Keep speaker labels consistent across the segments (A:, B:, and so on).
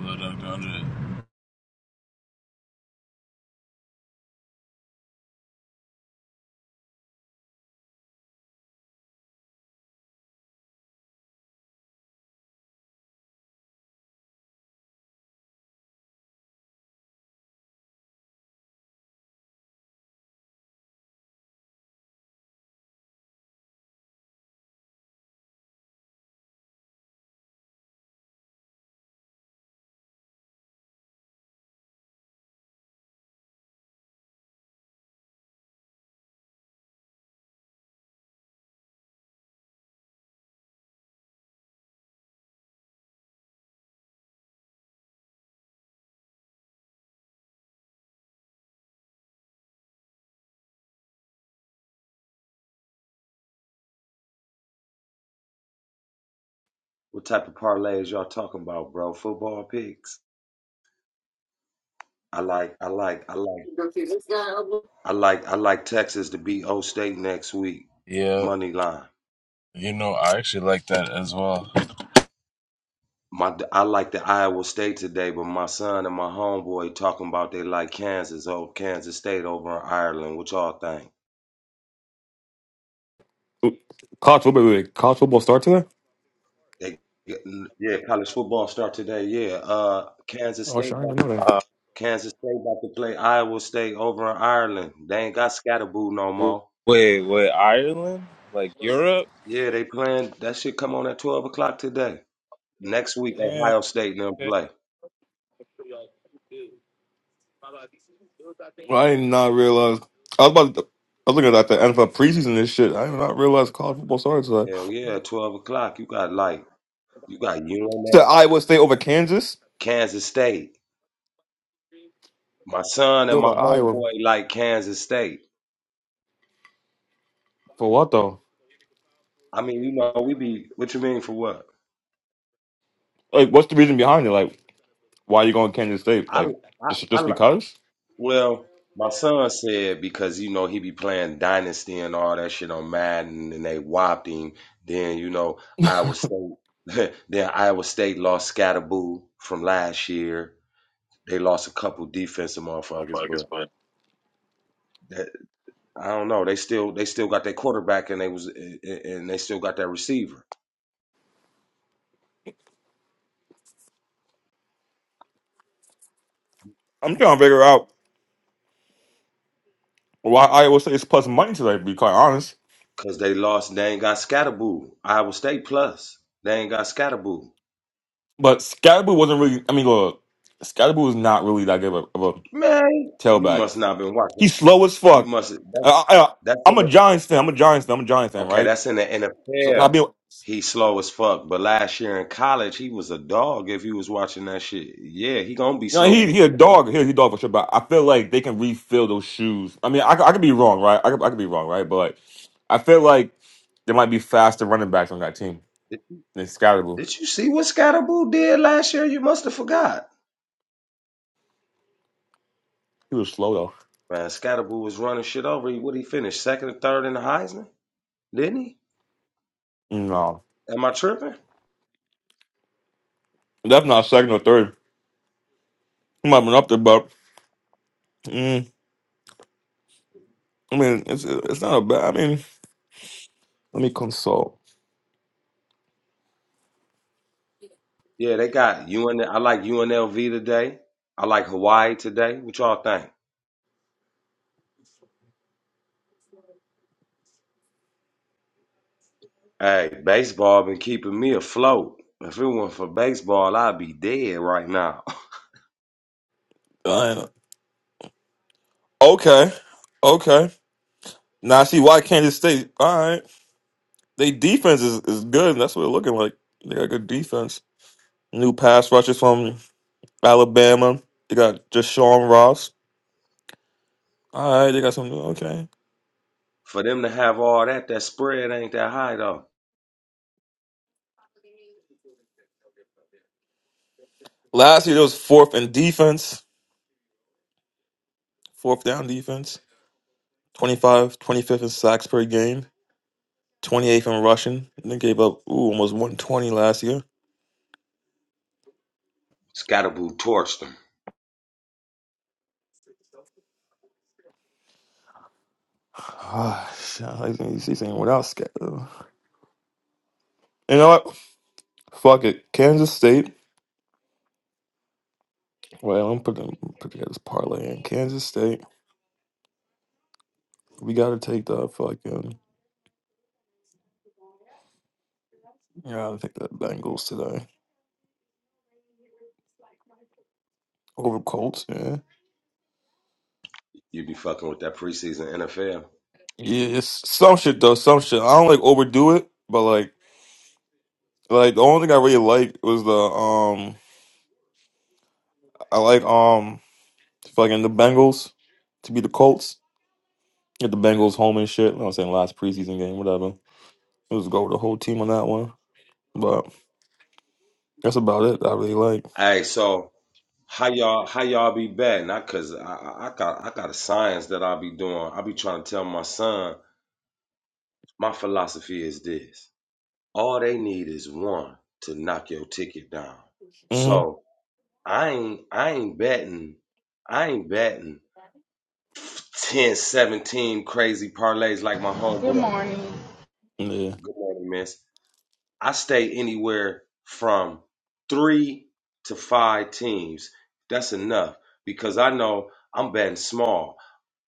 A: Lil Duck Dundred.
B: What type of parlays y'all talking about, bro? Football picks? I like, I like, I like, I like, I like Texas to beat O State next week.
A: Yeah,
B: Money line.
A: you know, I actually like that as well.
B: My, I like the Iowa State today, but my son and my homeboy talking about they like Kansas over Kansas State over in Ireland. What y'all think?
C: College football, wait, wait, college football start today?
B: They, yeah, college football start today. Yeah, uh, Kansas
C: Oh shit,
B: State,
C: I didn't even
B: about-
C: know that.
A: Uh,
B: Kansas State about to play Iowa State over in Ireland. They ain't got Scatterboo no
A: w-
B: more.
A: wait, wait, Ireland? Like Europe?
B: Yeah, they playing. That shit come on at twelve o'clock today. Next week,
A: Yeah.
B: Ohio State and them
A: Okay.
B: play.
C: Well, I did not realize. I was about. To, I was looking at the NFL preseason and shit. I did not realize college football started today.
B: Hell yeah, twelve o'clock. You got like you got
C: It's the
B: UNF,
C: Iowa State over Kansas.
B: Kansas State. My son
C: Yo,
B: and my
C: about Iowa
B: homeboy like Kansas State.
C: for what though?
B: I mean, you know, we be what you mean for what?
C: Like, what's the reason behind it? Like, why you going to Kansas State?
B: I
C: Like,
B: I
C: just
B: I
C: just
B: li-
C: because?
B: well, my son said because you know he be playing Dynasty and all that shit on Madden, and they whopped him. Then you know Iowa State. then Iowa State lost Scatterboo from last year. They lost a couple defensive motherfuckers, but I don't know. They still they still got their quarterback and they was and they still got that receiver
C: I'm trying to figure out why Iowa State is plus money today. To be quite honest,
B: because they lost. They ain't got Scatterboo. Iowa State plus they ain't got Scatterboo.
C: but Scalaboo wasn't really. I mean, look, Scalaboo was not really that good of a, of a
B: Man, you
C: tailback.
B: must not been watching.
C: He's slow as
B: You
C: fuck.
B: must that,
C: I,
B: that's
C: am
B: in
C: a
B: the
C: Giants fan. I'm a Giants fan. I'm a Giants fan,
B: okay.
C: right?
B: That's in the
C: So so I
B: NFL.
C: mean, you
B: He slow as fuck. But last year in college, he was a dog. If you was watching that shit, yeah, he gonna be
C: know,
B: slow in
C: he
B: the
C: he a dog.
B: NFL.
C: He, he a dog for sure. But I feel like they can refill those shoes. I mean, I, could- I could be wrong, right? I could, I could be wrong, right? But like, I feel like there might be faster running backs on that team.
B: Did,
C: They scoutable.
B: did you see what Scatterboo did last year? You must have forgot.
C: He was slow though.
B: Man, Scatterboo was running shit over. He What he finished second or third in the Heisman? Didn't he?
C: No,
B: Am I tripping?
C: that's not second or third. He might have been up there, but mm, I mean, it's it's not a bad. I mean, let me consult.
B: Yeah, they got it. UN. I like UNLV today. I like Hawaii today. What y'all think? Hey, baseball been keeping me afloat. If it weren't for baseball, I'd be dead right now.
C: Uh, okay, okay. Now I see why Kansas State. All right. They defense is, is good, and that's what they're looking like. They got good defense. New pass rushers from Alabama. They got Deshaun Ross. All right, they got some new. Okay.
B: For them to have all that, that spread ain't that high though.
C: Last year, it was fourth in defense, fourth down defense, twenty five, twenty fifth in sacks per game, 28th in rushing. And they gave up, ooh, almost 120 last year.
B: Scatterboo torched them.
C: Ah, shit. I like when you see something without scared. You know what? Fuck it. Kansas State. Well, I'm putting put together this parlay in. Kansas State. We got to take the fucking. Yeah, I think the Bengals today over Colts. Yeah,
B: You be fucking with that preseason NFL.
C: yeah, it's some shit though. Some shit. I don't like overdo it, but like, like the only thing I really liked was the um, I like um, fucking the Bengals to be the Colts. Get the Bengals home and shit. You know what I'm saying last preseason game, whatever. It was go with the whole team on that one, but that's about it. I really like.
B: Hey, so how y'all how y'all be betting? I cause I, I I got I got a science that I be doing. I be trying to tell my son my philosophy is this. All they need is one to knock your ticket down.
C: hmm
B: So I ain't I ain't betting I ain't betting 10, 17 crazy parlays like my
D: Good
B: homeboy.
D: morning.
C: Yeah.
B: Good morning, miss. I stay anywhere from three to five teams. That's enough because I know I'm betting small.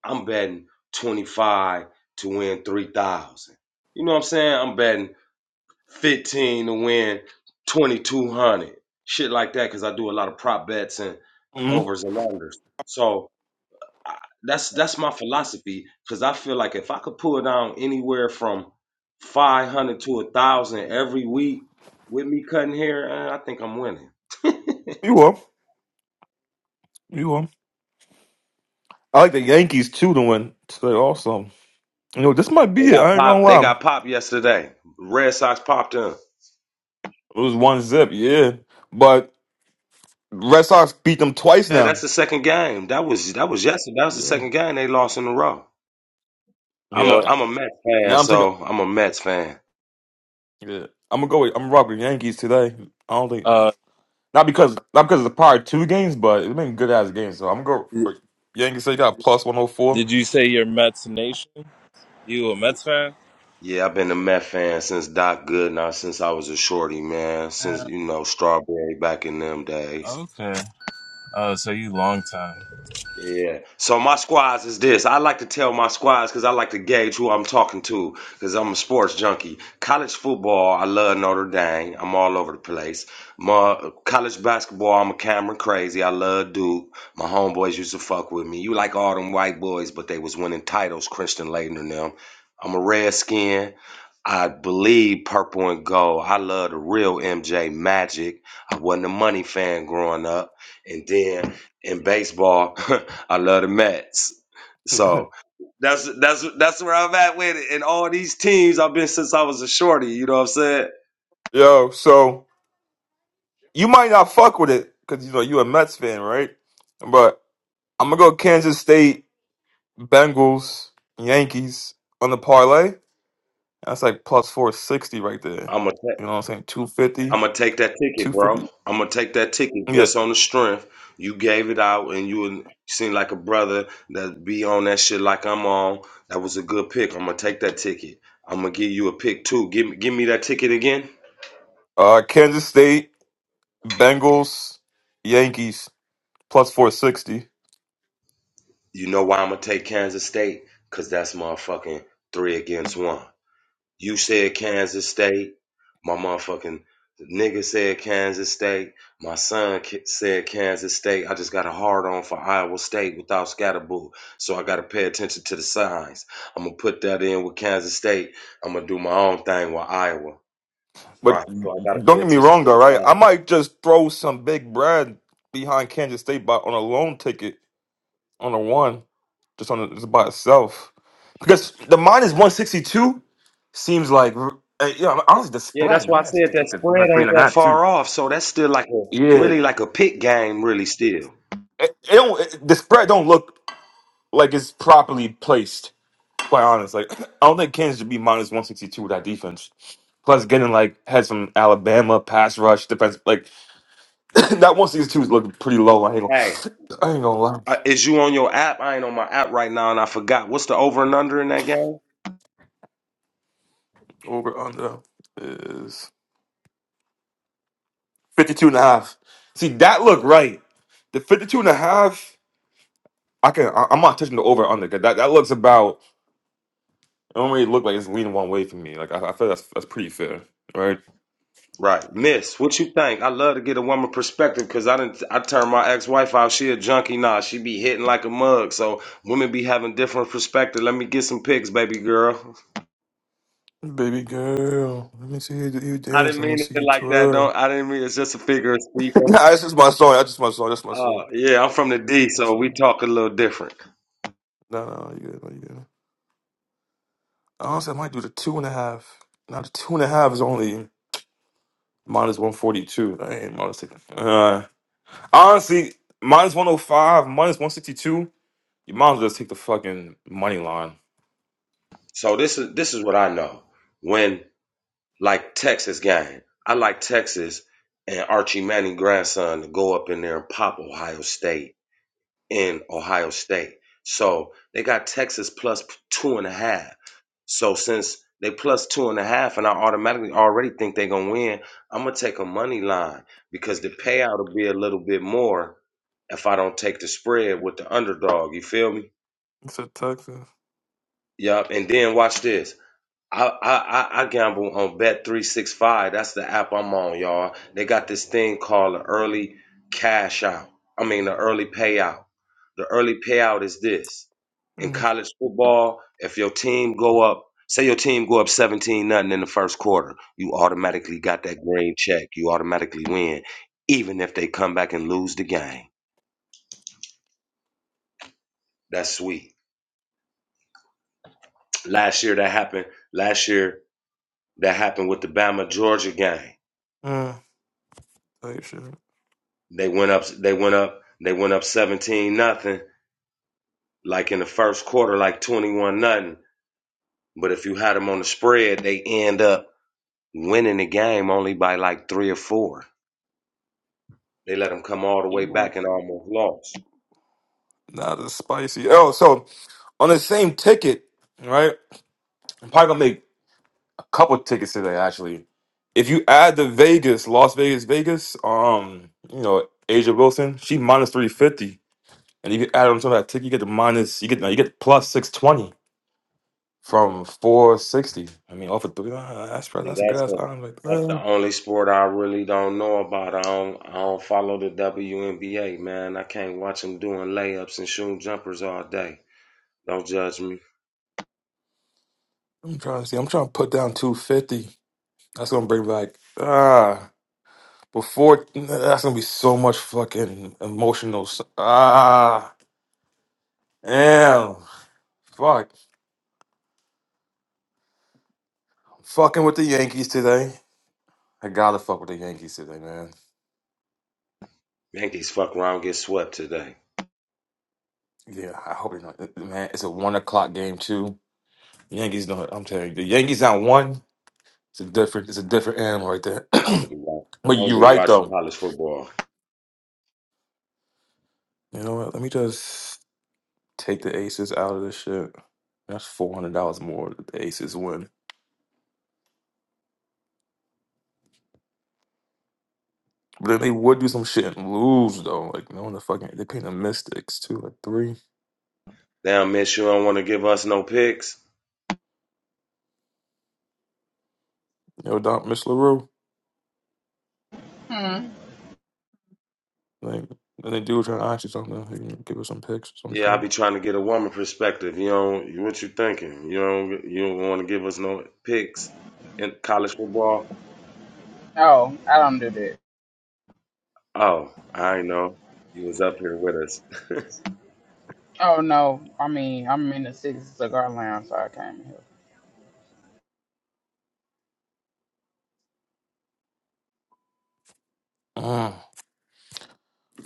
B: I'm betting 25 to win 3,000. You know what I'm saying? I'm betting 15 to win 2200 shit like that because i do a lot of prop bets and
C: hmm
B: overs and unders so I, that's that's my philosophy because i feel like if i could pull down anywhere from 500 to a thousand every week with me cutting hair eh, i think i'm winning
C: You will. You will. I like the Yankees too to win today also. You know, this might
B: they
C: be it.
B: got
C: I ain't
B: pop
C: gonna
B: they
C: lie.
B: got pop yesterday red sox popped them
C: It was one zip, yeah. But Red Sox beat them twice
B: yeah
C: now.
B: that's the second game that was that was yesterday that was the
C: Yeah.
B: second game they lost in a row i'm
C: hmm
B: a
A: Yep.
B: i'm a mets fan
C: Now I'm taking.
B: so i'm a mets fan
C: Yeah. I'm gonna go. With, I'm gonna rock with Yankees today. I don't think
A: Uh,
C: not because not because of the prior two games, but it's been good ass games. So I'm gonna go.
A: d-
C: For Yankees they got plus one hundred four.
A: did you say you're Mets Nation? You a Mets fan?
B: Yeah, I've been a Met fan since Doc Goodenough, since I was a shorty, man. Since
A: Yeah.
B: you know Strawberry back in them days.
A: Okay. Uh, so you long time.
B: Yeah. So my squads is this. I like to tell my squads because I like to gauge who I'm talking to because I'm a sports junkie. College football, I love Notre Dame. I'm all over the place. My college basketball, I'm a Cameron crazy. I love Duke. My homeboys used to fuck with me. You like all them white boys, but they was winning titles, Christian Laettner, and them. I'm a redskin. I believe purple and gold. I love the real MJ Magic. I wasn't a money fan growing up. And then in baseball. I love the Mets. So that's that's that's where I'm at with it. And all these teams I've been since I was a shorty. You know what I'm saying?
C: Yo, so you might not fuck with it because you know you a Mets fan, right? But I'm gonna go Kansas State, Bengals, Yankees on the parlay. That's like plus four sixty right there.
B: I'm gonna ta-
C: You know what I'm saying? Two fifty.
B: I'm gonna take that ticket,
C: Two
B: bro.
C: fifty.
B: I'm gonna take that ticket
C: Yeah.
B: just on the strength you gave it out, and you seem like a brother that be on that shit like I'm on. That was a good pick. I'm gonna take that ticket. I'm gonna give you a pick too. Give me give me that ticket again.
C: Uh, Kansas State, Bengals, Yankees plus four sixty.
B: You know why I'm gonna take Kansas State? Cause that's motherfucking three against one. You said Kansas State. My motherfucking nigga said Kansas State. My son said Kansas State. I just got a hard on for Iowa State without Scatterboo. So I got to pay attention to the signs. I'm going to put that in with Kansas State. I'm going to do my own thing with Iowa.
C: But
B: Right. So I got to
C: don't
B: pay
C: get me
B: attention to
C: wrong, though.
B: the
C: Right, I
B: signs.
C: might just throw some big Brad behind Kansas State by on a loan ticket on a one, just on a, just by itself, because the minus one sixty two seems like uh, you know, honestly the
B: Yeah, that's
C: spread. I
B: why I
C: might have
B: said
C: to take
B: that
C: the
B: spread
C: minus three
B: ain't
C: and a
B: that
C: half too.
B: far off. So that's still like a
C: Yeah,
B: really like a pick game, really still.
C: it, it don't, it, the spread don't look like it's properly placed. quite honest. Like I don't think Kansas should be minus one sixty two with that defense. Plus, getting like had some Alabama pass rush defense. Like that one sixty two is looking pretty low. I ain't
B: Hey,
C: gonna, I ain't gonna lie.
B: uh, is you on your app? I ain't on my app right now, and I forgot. What's the over and under in that game?
C: Over under is 52 and a half. See that look right. The 52 and a half, I can. I, I'm not touching the over under. 'cause That that looks about. It don't really look like it's leaning one way for me. Like I, I feel that's that's pretty fair, right?
B: Right, Miss. What you think? I love to get a woman perspective because I didn't. I turned my ex-wife out. She a junkie now. She be hitting like a mug. So women be having different perspective. Let me get some pics, baby girl.
C: Baby girl, let me see you, you
B: I
C: dance.
B: didn't
C: Let me
B: mean
C: see
B: it
C: you
B: like that.
C: twirl.
B: Don't. I didn't mean it's just a figure of speech.
C: nah, this is my song. That's just my song. That's my song.
B: Uh, yeah, I'm from the D,
C: My
B: so we
C: song.
B: talk a little different.
C: No, no, you good. No, you good. Honestly, I might do the two and a half. Now the two and a half is only minus one forty two. I ain't minus taking. Uh, honestly, minus one hundred five, minus one sixty two. You might as well just take the fucking money line.
B: So this is this is what I know. When like Texas game, I like Texas and Archie Manning grandson to go up in there and pop Ohio State in Ohio State. So they got Texas plus two and a half. So since they plus two and a half, and I automatically already think they're gonna win, I'm gonna take a money line because the payout will be a little bit more if I don't take the spread with the underdog. You feel me?
C: It's a Texas.
B: Yup. And then watch this. I, I I gamble on Bet three six five. That's the app I'm on, y'all. They got this thing called the early cash out. I mean the early payout. The early payout is this. In
C: Mm.
B: college football, if your team go up, say your team go up 17 nothing in the first quarter, you automatically got that green check. You automatically win, even if they come back and lose the game. That's sweet. Last year that happened. Last year that happened with the Bama Georgia game They went up. They went up. They went up seventeen nothing. Like in the first quarter, like twenty one nothing. But if you had them on the spread, they end up winning the game only by like three or four. They let them come all the way back and almost lost.
C: Not as spicy. Oh, so on the same ticket, right? I'm probably gonna make couple tickets today actually. If you add the Vegas, Las Vegas, Vegas, um, you know Asia Wilson, she minus three fifty, and if you add on top of that ticket, you get the minus, you get no, you get plus six twenty from four sixty. I mean, off of three, uh, that's pro-
B: And
C: that's a good
B: that's
C: ass
B: the
C: item right
B: that's the
C: there.
B: only sport I really don't know about. I don't I don't follow the WNBA, man. I can't watch them doing layups and shooting jumpers all day. Don't judge me.
C: I'm trying to see. I'm trying to put down two fifty. That's gonna bring back ah before. That's gonna be so much fucking emotional. s- Ah damn, fuck, fucking with the Yankees today. I gotta fuck with the Yankees today, man.
B: Yankees fuck around get swept today.
C: Yeah, I hope they not. uh, Man, it's a one o'clock game too. Yankees don't. I'm telling you, the Yankees not one. It's a different. It's a different animal right there.
B: Yeah, I'm gonna be watching.
C: but
B: I'm gonna
C: you're
B: be
C: right
B: watching
C: though.
B: college football.
C: You know what? Let me just take the Aces out of this shit. That's four hundred dollars more that the Aces win. But then they would do some shit and lose though. Like no one the fucking they paying the Mystics too Like three.
B: Damn, miss, you don't want to give us no picks.
C: Yo, Doc Miss LaRue.
D: Hmm.
C: Like then they do trying to ask you something. They can give us some picks or some
B: Yeah, I
C: shit.
B: be trying to get a woman perspective. You don't. What you thinking? You don't. You don't want to give us no picks in college football.
D: Oh, I don't do that.
B: Oh, I know. You was up here with us.
D: Oh no. I mean, I'm in the Six Cigar Lounge, so I came here.
C: Mm,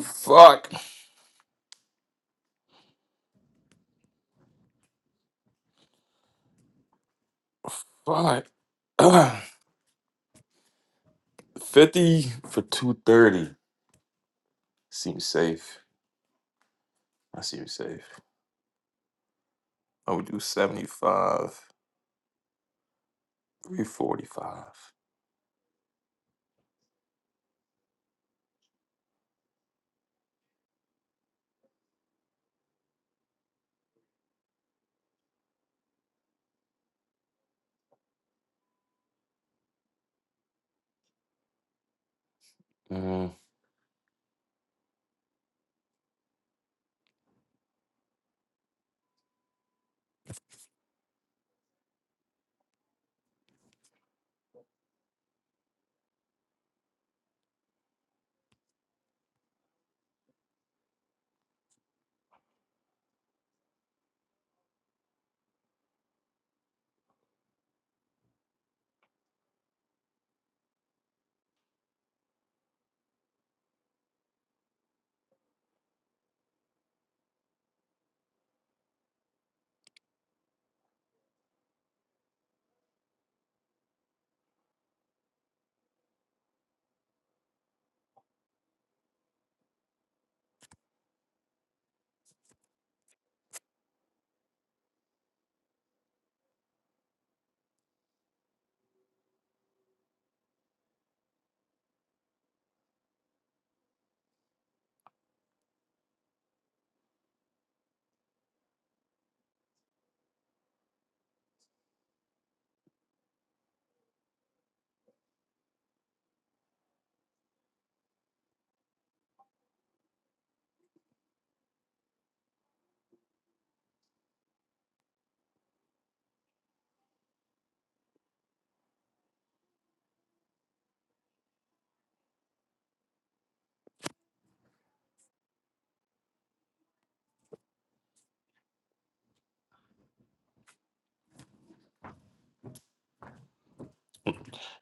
C: fuck. But 50 for 230 seems safe. I seem safe. I would do 75, 345. Mm.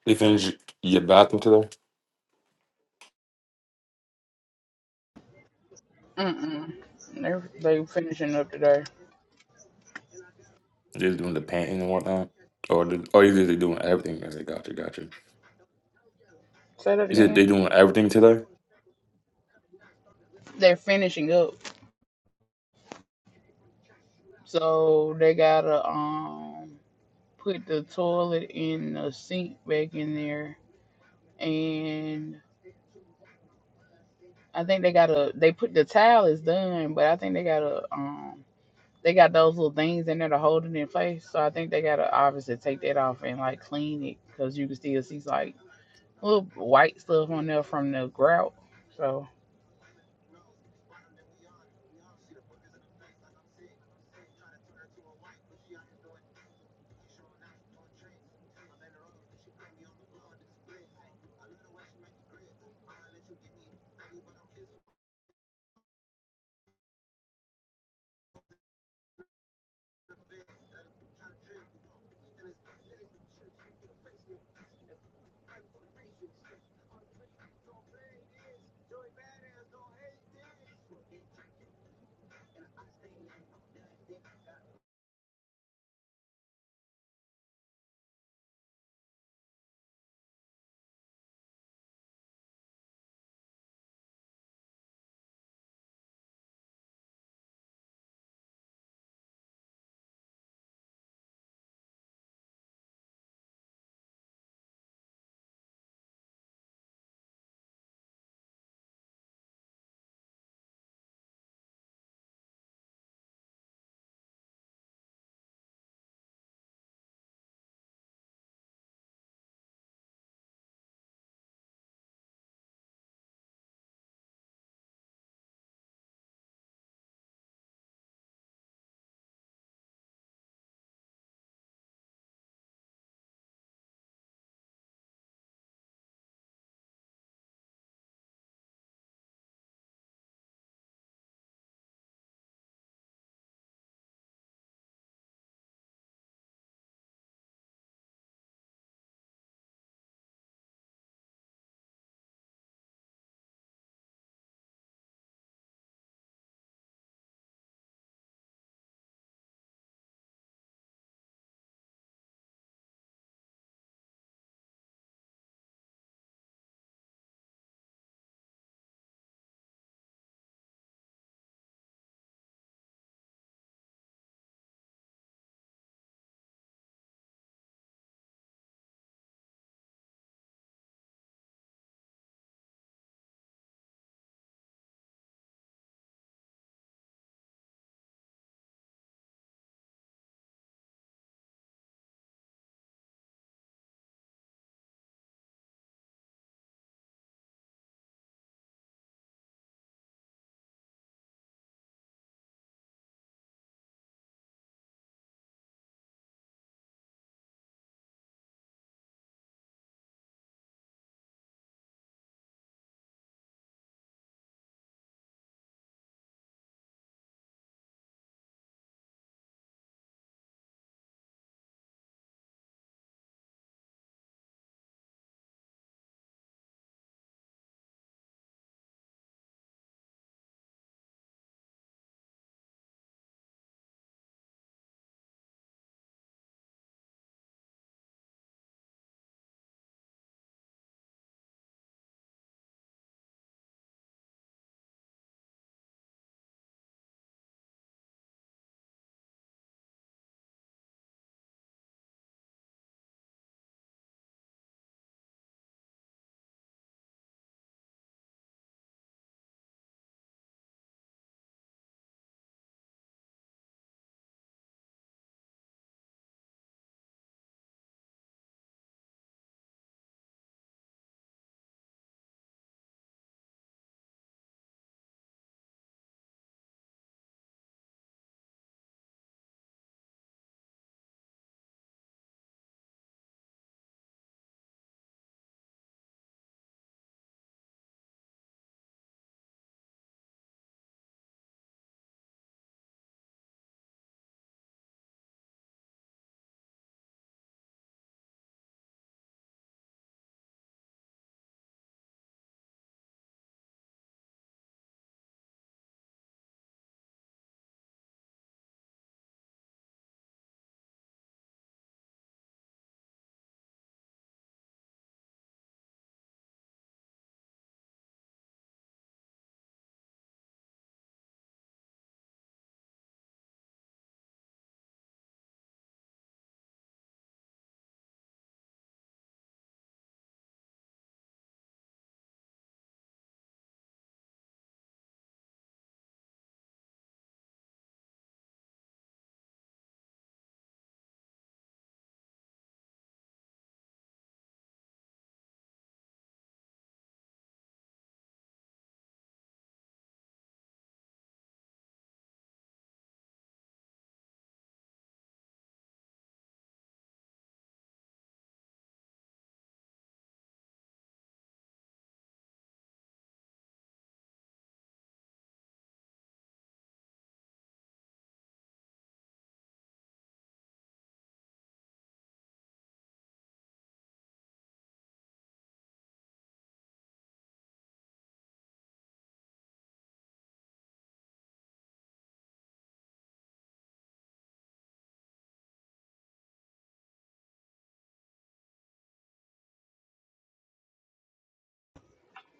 C: They finish your bathroom today?
D: Mm mm. They're they finishing up today.
C: They're doing the painting and whatnot? Or, the, or either they're doing everything. I said, gotcha, gotcha.
D: Say that
C: You said
D: again.
C: they doing everything today?
D: They're finishing up, so they gotta um put the toilet in the sink back in there, and I think they gotta they put the tile is done, but I think they gotta um They got those little things in there to hold it in place. So I think they gotta obviously take that off and like clean it because you can still see like little white stuff on there from the grout. So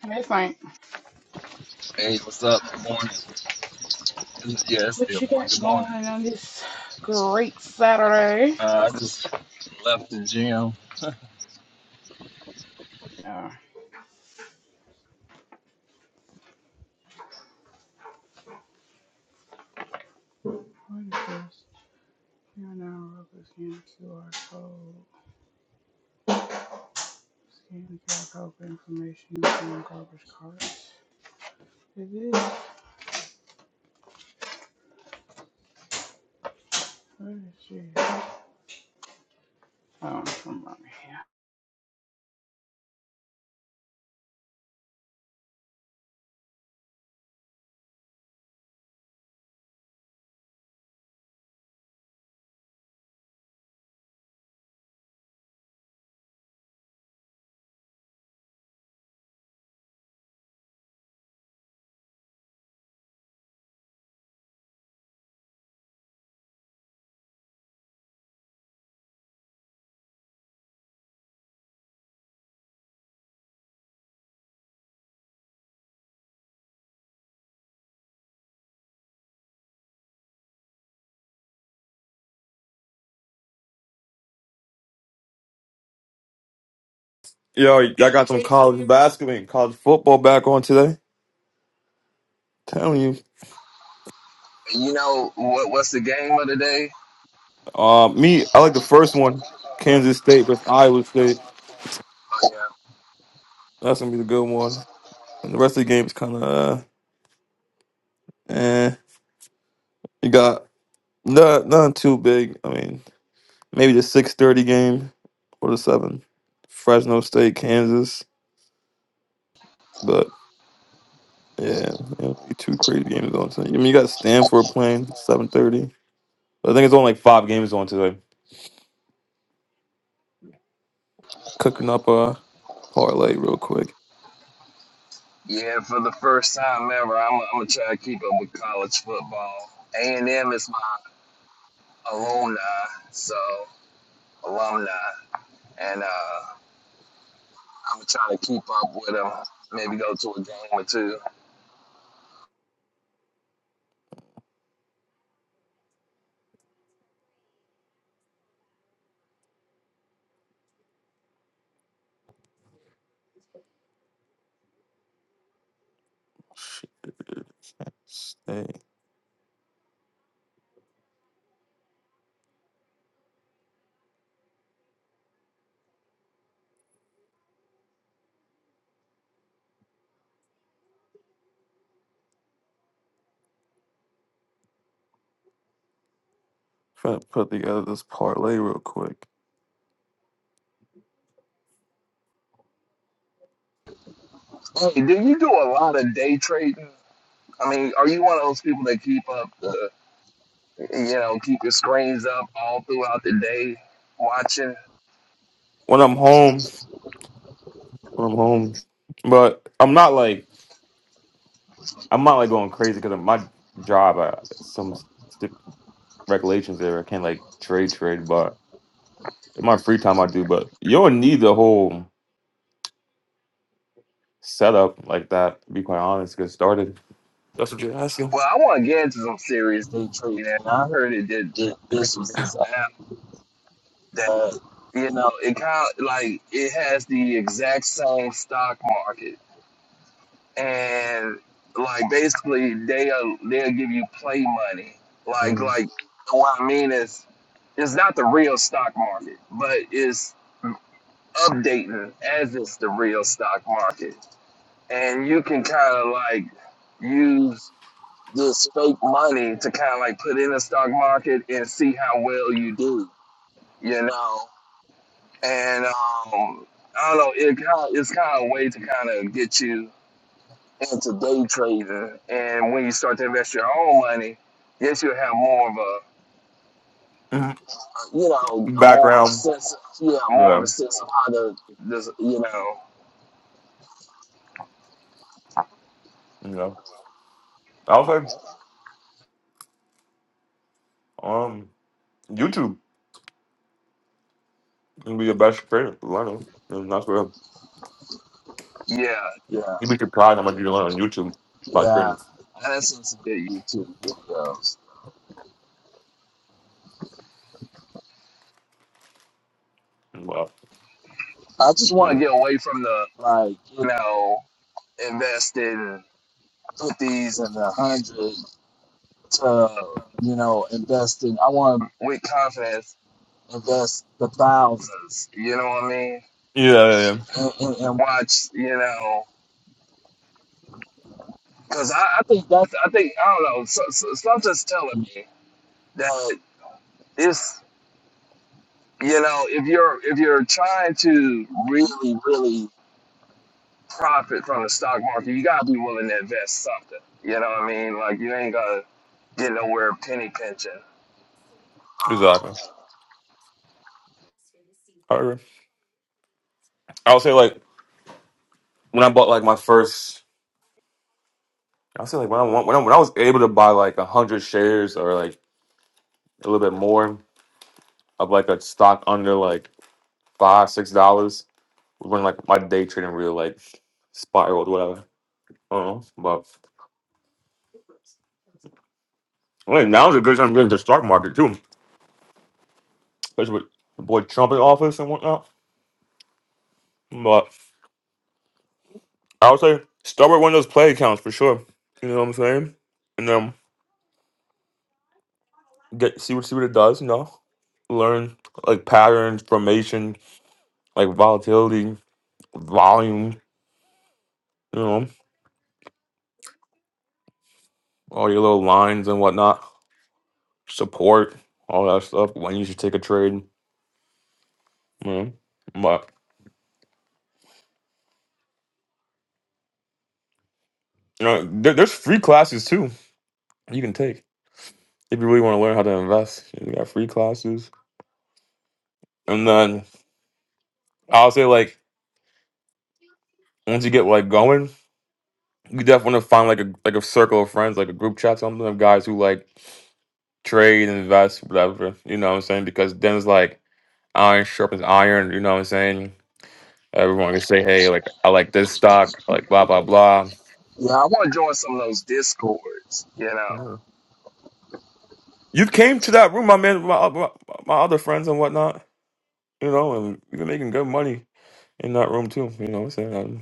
D: hey Frank,
E: Hey, what's up? Good morning. It's, yeah, it's
D: what
E: still
D: you
E: morning.
D: got
E: Good morning.
D: going on this great Saturday?
E: Uh, I just left the gym.
D: Uh, what is this? Here now, rubber scan QR code. Scan the QR code for information on garbage carts. It is. Where is she? Oh, I'm right here.
C: Yo, I got some college basketball and college football back on today. Telling you.
E: You know what? What's the game of the day?
C: Uh, me, I like the first one Kansas State versus Iowa State.
E: Oh, yeah.
C: That's going to be the good one. And the rest of the game is kind of. Eh, you got not not too big. I mean, maybe the six thirty game or the seven. Fresno State, Kansas, but yeah, yeah two crazy games on tonight. I mean, you got Stanford playing seven thirty. I think it's only like five games on today. Cooking up a parlay real quick.
E: Yeah, for the first time ever, I'm, I'm gonna try to keep up with college football. A and M is my alumni, so alumni, and uh, I'm gonna try to keep up with them. Maybe go to a game or two.
C: Shit. Stay. Trying to put together this parlay real quick
E: Hey, do you do a lot of day trading? I mean, are you one of those people that keep up? the? You know, keep your screens up all throughout the day watching.
C: when I'm home. When I'm home, but I'm not like. I'm not like going crazy because of my job. I, some st- regulations there. I can't like trade trade, but in my free time I do. But you don't need the whole setup like that. To be quite honest, to get started. That's what you're asking.
E: Well, I want to get into some serious day trading. I heard it that that this was this app that you know it kind of like it has the exact same stock market, and like basically they'll they'll give you play money. Like
C: Mm.
E: like what I mean is it's not the real stock market, but it's updating as it's the real stock market. and you can kind of like use this fake money to kind of like put in the stock market and see how well you do, you know. And um, I don't know, it kind it's kind of a way to kind of get you into day trading. And when you start to invest your own money, yes, you'll have more of a
C: Mhm.
E: you know a more of a
C: Background.
E: sense, of, yeah, more
C: Yeah.
E: of a sense of how to this, you know,
C: You know. I would say um YouTube would be your best trader to learn. of. And that's where
E: yeah, yeah,
C: you'd be surprised how much you can learn on YouTube by
E: yeah.
C: trading.
E: That's sense to get you too.
C: Well,
E: I just
C: you
E: want to
C: know.
E: get away from the like, you know, investing fifties and the hundred to you know, investing. I want to with confidence invest the thousands. You know what I mean?
C: Yeah, yeah, yeah.
E: And, and, and watch, you know, because I, I think that's I think I don't know. So, so, something's telling me that it's you know if you're if you're trying to really really profit from the stock market, you gotta be willing to invest something. You know what I mean? Like you ain't gonna getting nowhere of penny pinching.
C: Exactly. I agree. I would say like when I bought like my first. I say like when I want, when I, when I was able to buy like a hundred shares or like a little bit more of like a stock under like five six dollars was when like my day trading really like spiraled whatever. I don't know, but well, now's a good time to get into the stock market too, especially with the boy Trump in office and whatnot. But I would say start with one of those play accounts for sure. You know what I'm saying? And then get see what see what it does. You know, learn like patterns, formation, like volatility, volume. You know. all your little lines and whatnot, support, all that stuff. When you should take a trade, mm but you know, there, there's free classes too you can take if you really want to learn how to invest. You got free classes, and then I'll say like once you get like going, you definitely want to find like a like a circle of friends, like a group chat, something of guys who like trade, invest, whatever. You know what I'm saying? Because then it's like iron sharpens iron. You know what I'm saying? Everyone can say, hey, like I like this stock, I like blah blah blah.
E: Yeah, I want to join some of those discords. You know,
C: You came to that room, my man, my, my my other friends and whatnot, you know, and we were making good money in that room too. You know what I'm saying? Um,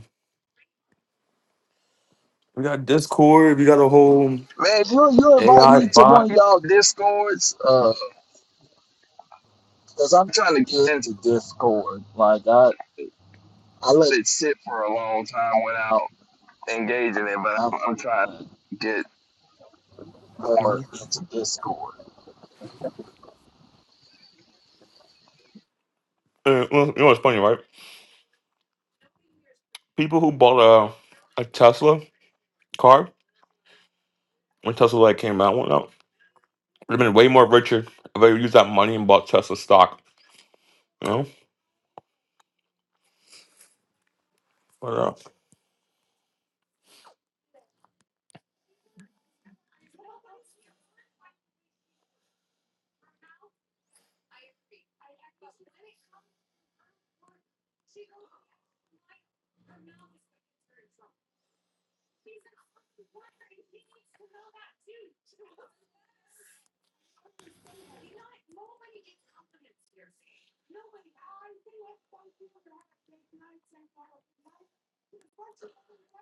C: we got Discord, we got a whole
E: man, if you you invite me
C: AI
E: to one
C: bot.
E: of y'all discords, uh, cause I'm trying to get into Discord. Like I I let it sit for a long time without engaging it, but I'm, I'm trying to get more
C: Mhm.
E: into Discord.
C: Uh, well, you know what's funny, right? People who bought a, a Tesla car when Tesla like came out, went out, would have been way more richer if they used that money and bought Tesla stock, you know? But uh,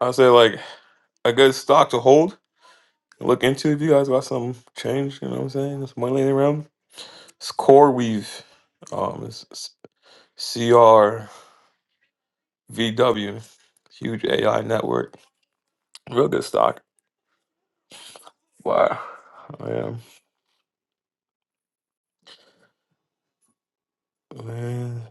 C: I say like a good stock to hold Look into if you guys got something changed, you know what I'm saying? It's money laying around. It's Core Weave. Um, it's it's CRVW. Huge AI network. Real good stock. Wow. Oh, Yeah. Man.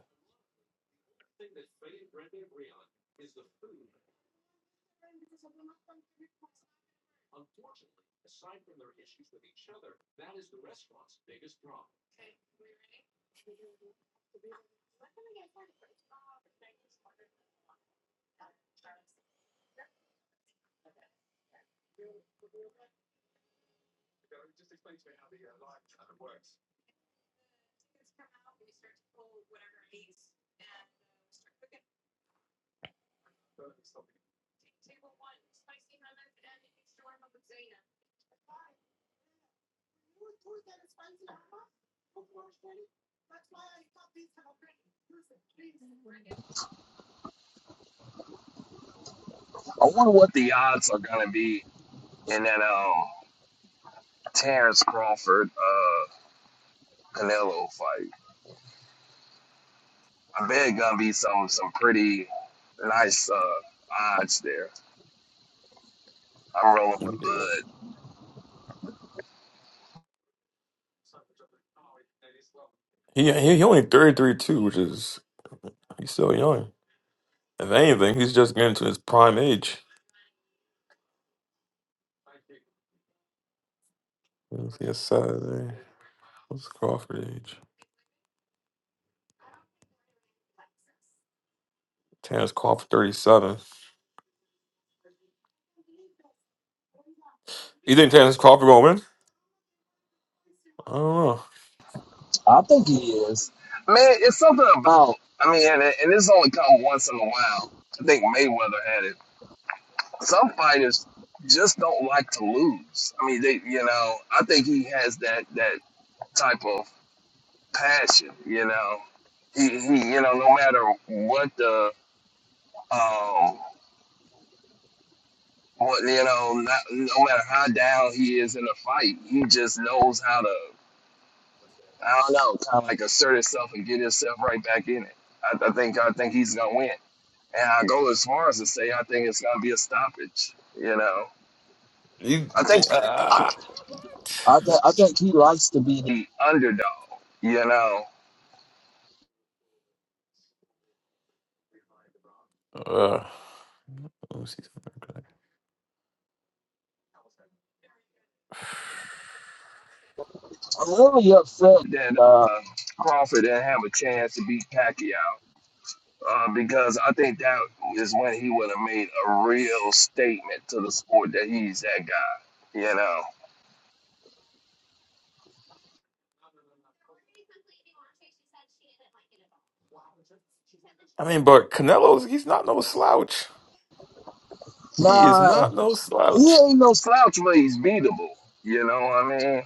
E: I wonder what the odds are gonna be in that um Terrence Crawford uh Canelo fight. I bet it's gonna be some some pretty nice uh odds there. I'm rolling with Bud.
C: He, he, he only 33 too, which is, he's still young. If anything, he's just getting to his prime age. Let's see, it's Saturday. What's Crawford age? Terrence Crawford, 37. You think Terrence Crawford going to win? I don't
E: I think he is. Man, it's something about. I mean, and, and this only come once in a while. I think Mayweather had it. Some fighters just don't like to lose. I mean, they, you know, I think he has that that type of passion. You know, he, he you know, no matter what the um. What, you know, not, no matter how down he is in a fight, he just knows how to. I don't know, kind of like assert itself and get itself right back in it. I, I think I think he's gonna win, and I go as far as to say I think it's gonna be a stoppage. You know, I think
C: know. You,
E: I think I think he likes to be the underdog. You know,
C: Uh, let me see something.
E: I'm really upset that uh, Crawford didn't have a chance to beat Pacquiao uh, because I think that is when he would have made a real statement to the sport that he's that guy. You know.
C: I mean, but Canelo's he's not no slouch. He is
E: Nah.
C: not no
E: he
C: slouch.
E: ain't no slouch, but he's beatable. You know, what I mean,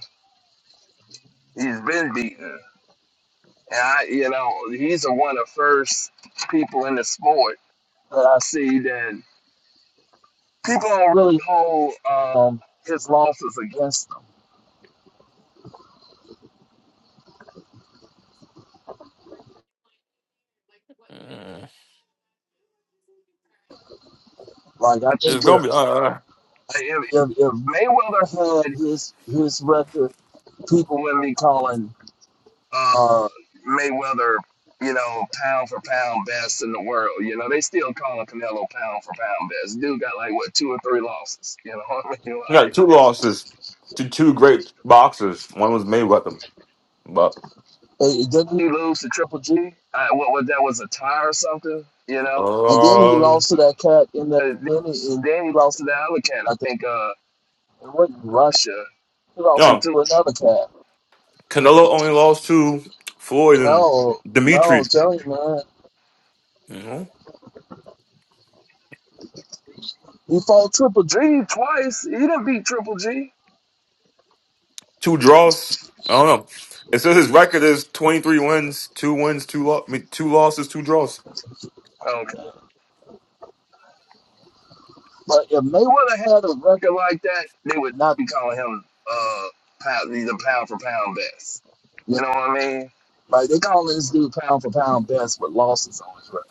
E: he's been beaten. And I, you know, he's a, one of the first people in the sport that I see that people don't really hold um, his losses against him.
C: Mm.
E: Like I
C: It's
E: think if,
C: gonna be uh, uh.
E: if, if Mayweather had his his record, people wouldn't be calling. uh, Mayweather, you know, pound for pound best in the world. You know, they still calling Canelo pound for pound best. Dude got like what two or three losses. You know what I mean?
C: He got
E: Like,
C: two losses to two great boxers. One was Mayweather, but
E: And didn't he lose to Triple G? I, what, what that was a tie or something? You know, and then he
C: um,
E: lost to that cat in the And then he, in, then he lost to the other cat. I think uh, it wasn't Russia. He lost to
C: no,
E: another cat.
C: Canelo only lost to Floyd and
E: No, no,
C: Dimitri.
E: tell you man,
C: You know,
E: he fought Triple G. twice. He didn't beat Triple G.
C: two draws. I don't know. It says his record is twenty three wins, two wins, two lo- I mean, two losses, two draws.
E: Okay. But if Mayweather had a record like that, they would Not be calling him uh pound, he's a pound for pound best. You know what I mean? Like they call this dude pound for pound best with losses on his record.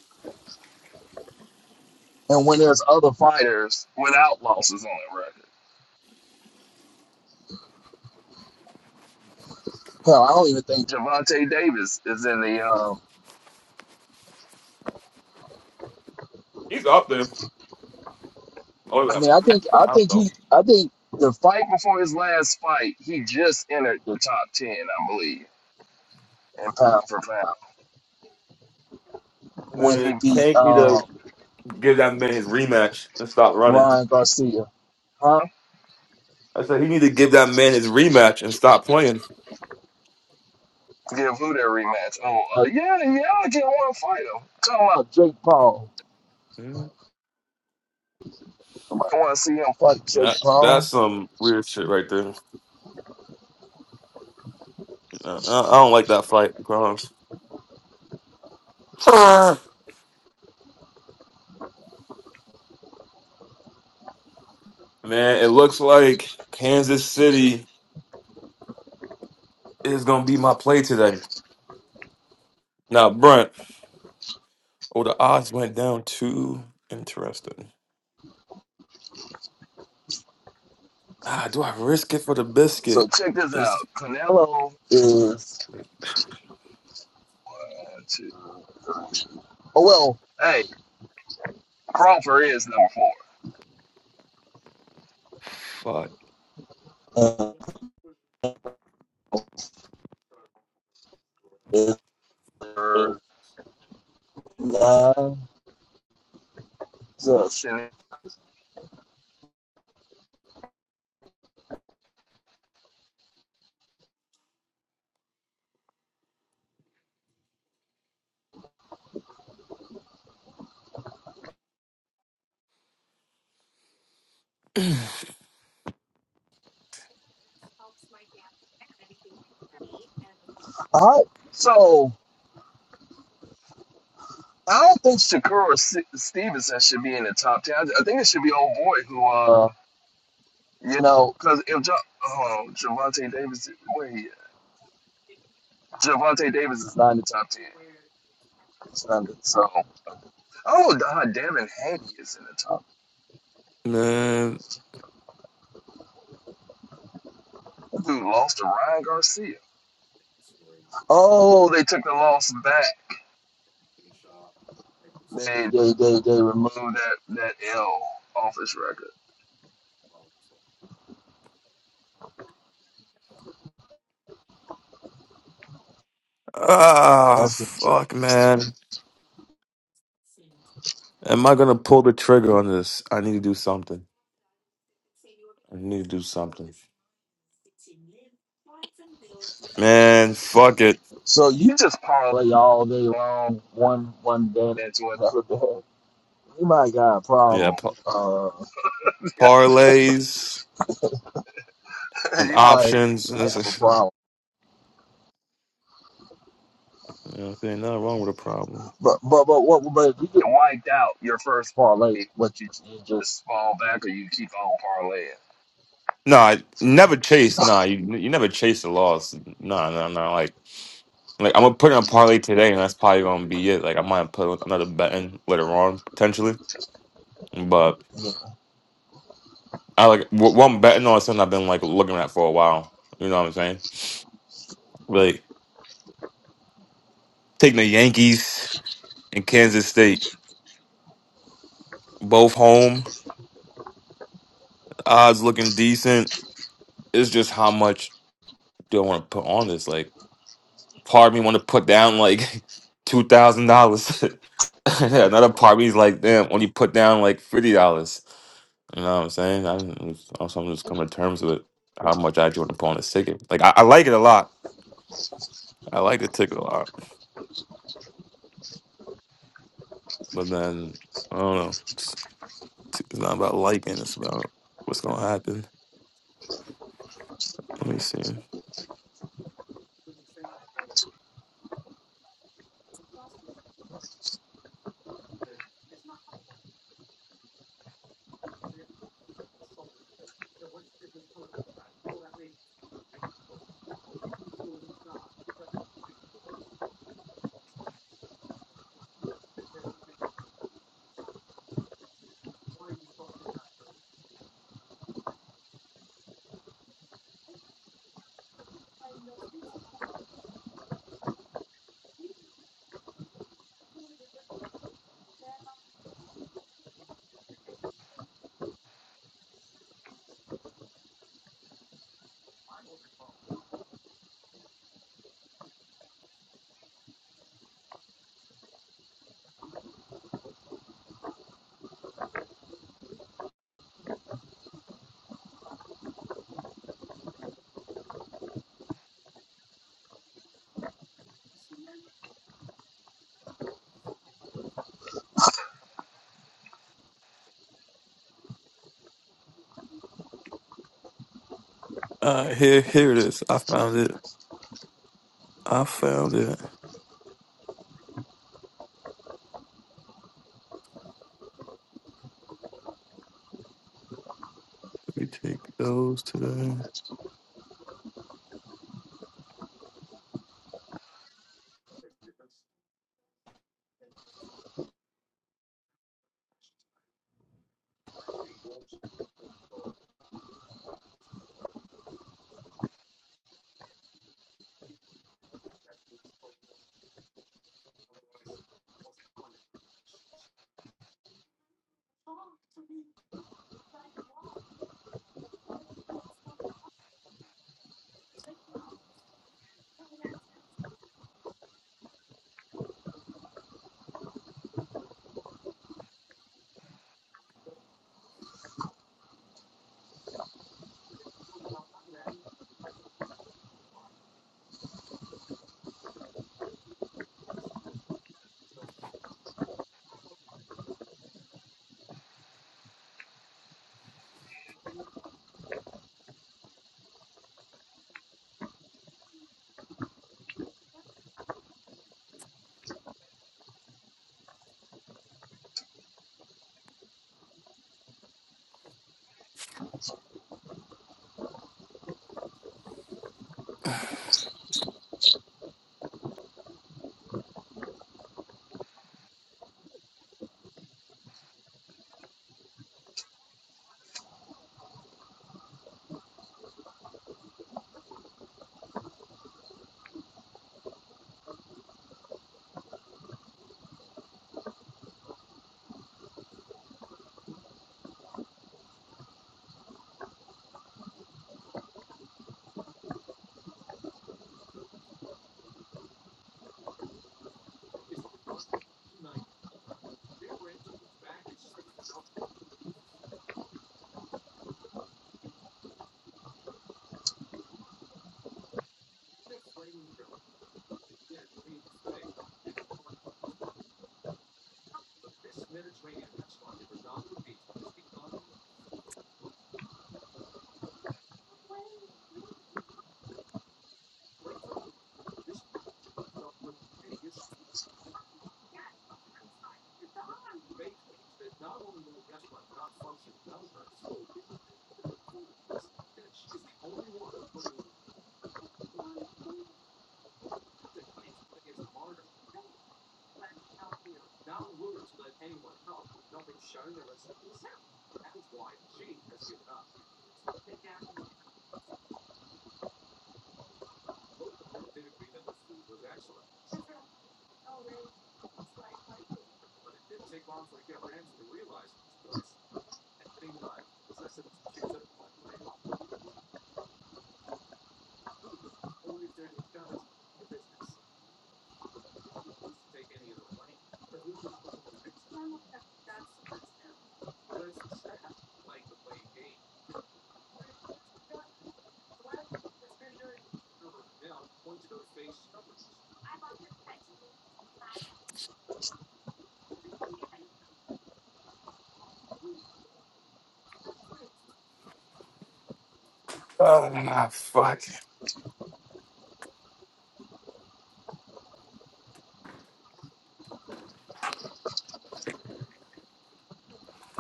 E: And when there's other fighters without losses on their record. Hell, I don't even think Javante Davis is in the um
C: He's up there. Oh
E: I mean I think I think
C: yeah,
E: he I think the fight before his last fight, he just entered the top ten, I believe, in pound for pound. When he
C: Man,
E: beat
C: Tank need
E: um
C: to give that man his rematch and stop running.
E: Ryan Garcia. huh?
C: I said he need to give that man his rematch and stop playing.
E: Give who that rematch? Oh, uh, yeah, yeah, I just want to fight him. Talking about Jake Paul.
C: Mhm.
E: I want to see him fight Jake
C: That that's
E: Paul?
C: some weird shit right there. Uh, I, I don't like that fight, Grimes. man, it looks like Kansas City is gonna be my play today. Now, Brent, oh the odds went down too. Interesting. Ah, do I risk it for the
E: So
C: biscuit?
E: check this out.
C: Is
E: Canelo is. uh, two. Oh well, hey, Crawford is number four.
C: fuck
E: Uh, is number nine. So, All right. So, I don't think Shakur Si-, Stevenson should be in the top 10. I think it should be old boy who, uh, you know, because if Ja- oh, Javante Davis, wait. Javante Davis is not in the top ten. It's not in- So, oh, God, Devin Haney is in the top.
C: man.
E: That dude lost to Ryan Garcia. Oh, they took the loss back. They they they, they removed that that L off his record.
C: Ah,
E: That's interesting.
C: fuck man. Am I gonna pull the trigger on this? I need to do something. I need to do something. Man, fuck it.
E: So you you just parlay all day long, one one day into another day. You might got a
C: Yeah,
E: problem.
C: pa-
E: Uh,
C: parlays and
E: you might
C: options. This
E: have a
C: is-
E: problem.
C: you know, what I'm saying nothing wrong with a problem.
E: But but but what? But if you get wiped out your first parlay, what you, you just fall back or you keep on parlaying?
C: Nah, never chase. Nah, you you never chase the loss. Nah, nah, nah. Like like I'm gonna put in a parlay today, and that's probably gonna be it. Like I might put another bet in later on potentially, but
E: Yeah.
C: I like wh- what I'm betting on is something I've been like looking at for a while. You know what I'm saying? Like taking the Yankees and Kansas State. both home odds looking decent. It's just how much do I want to put on this? Like, part of me want to put down like two thousand dollars. Another part of me's like, damn, only put down like fifty dollars. You know what I'm saying? I'm just, also I'm just coming to terms with how much I actually want to put on this ticket. Like, I, I like it a lot. I like the ticket a lot, but then I don't know. It's, it's not about liking. It's about what's gonna happen. Let me see. Uh, here, here it is. I found it. I found it. Let me take those today.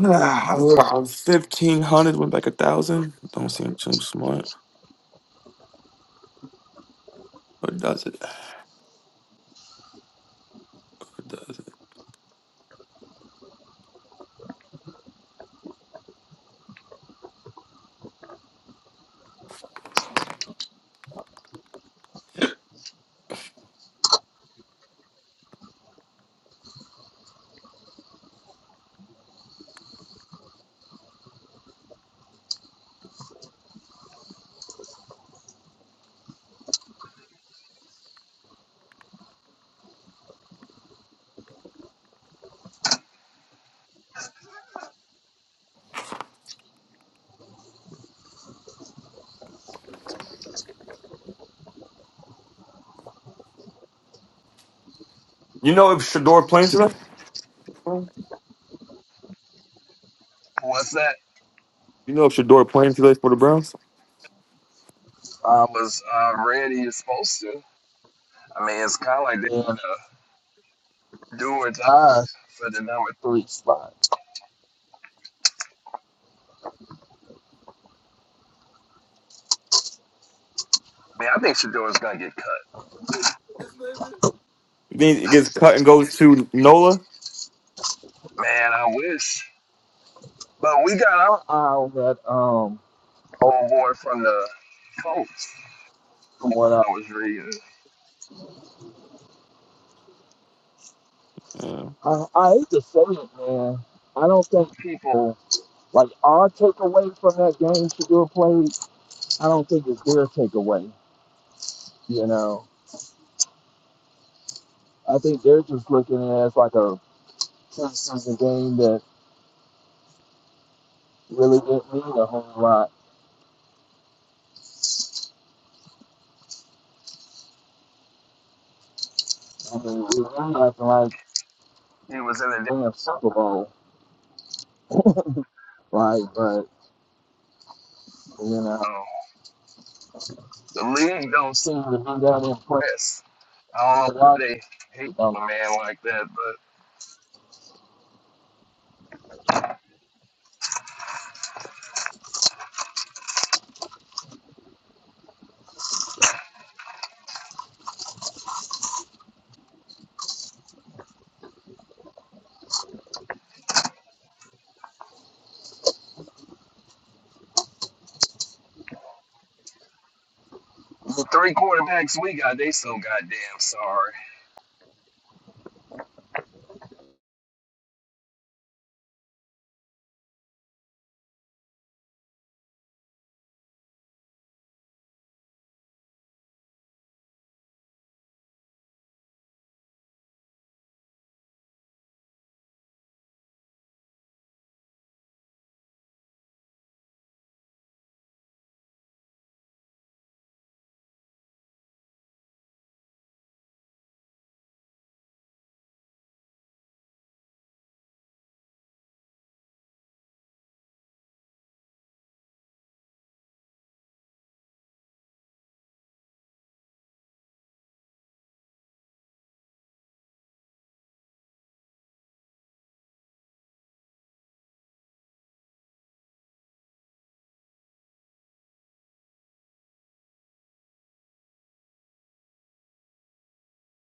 C: Ah, fifteen hundred Went back a thousand. Don't seem too smart, but does it? It does it. You know if Shador playing today?
E: What's that?
C: You know if Shador playing today for the Browns?
E: I was uh, ready. You're supposed to. I mean, it's kind of like they're gonna do or die for the number three spot. Man, I think Shador's gonna get cut.
C: Then it gets cut and goes to Nola.
E: Man, I wish. But we got our eye on that um old boy from the Colts. From what I was reading, I, I hate to say it, man. I don't think people. Like our takeaway from that game Shadur played, I don't think it's their takeaway. You know, I think they're just looking at it as like a preseason game that really didn't mean a whole lot. I mean, it was nothing like it was in the damn Super Bowl, right? But you know, the league don't seem to be that impressed. I don't know why they hate on a man like that, but the three quarterbacks we got, they so goddamn sorry.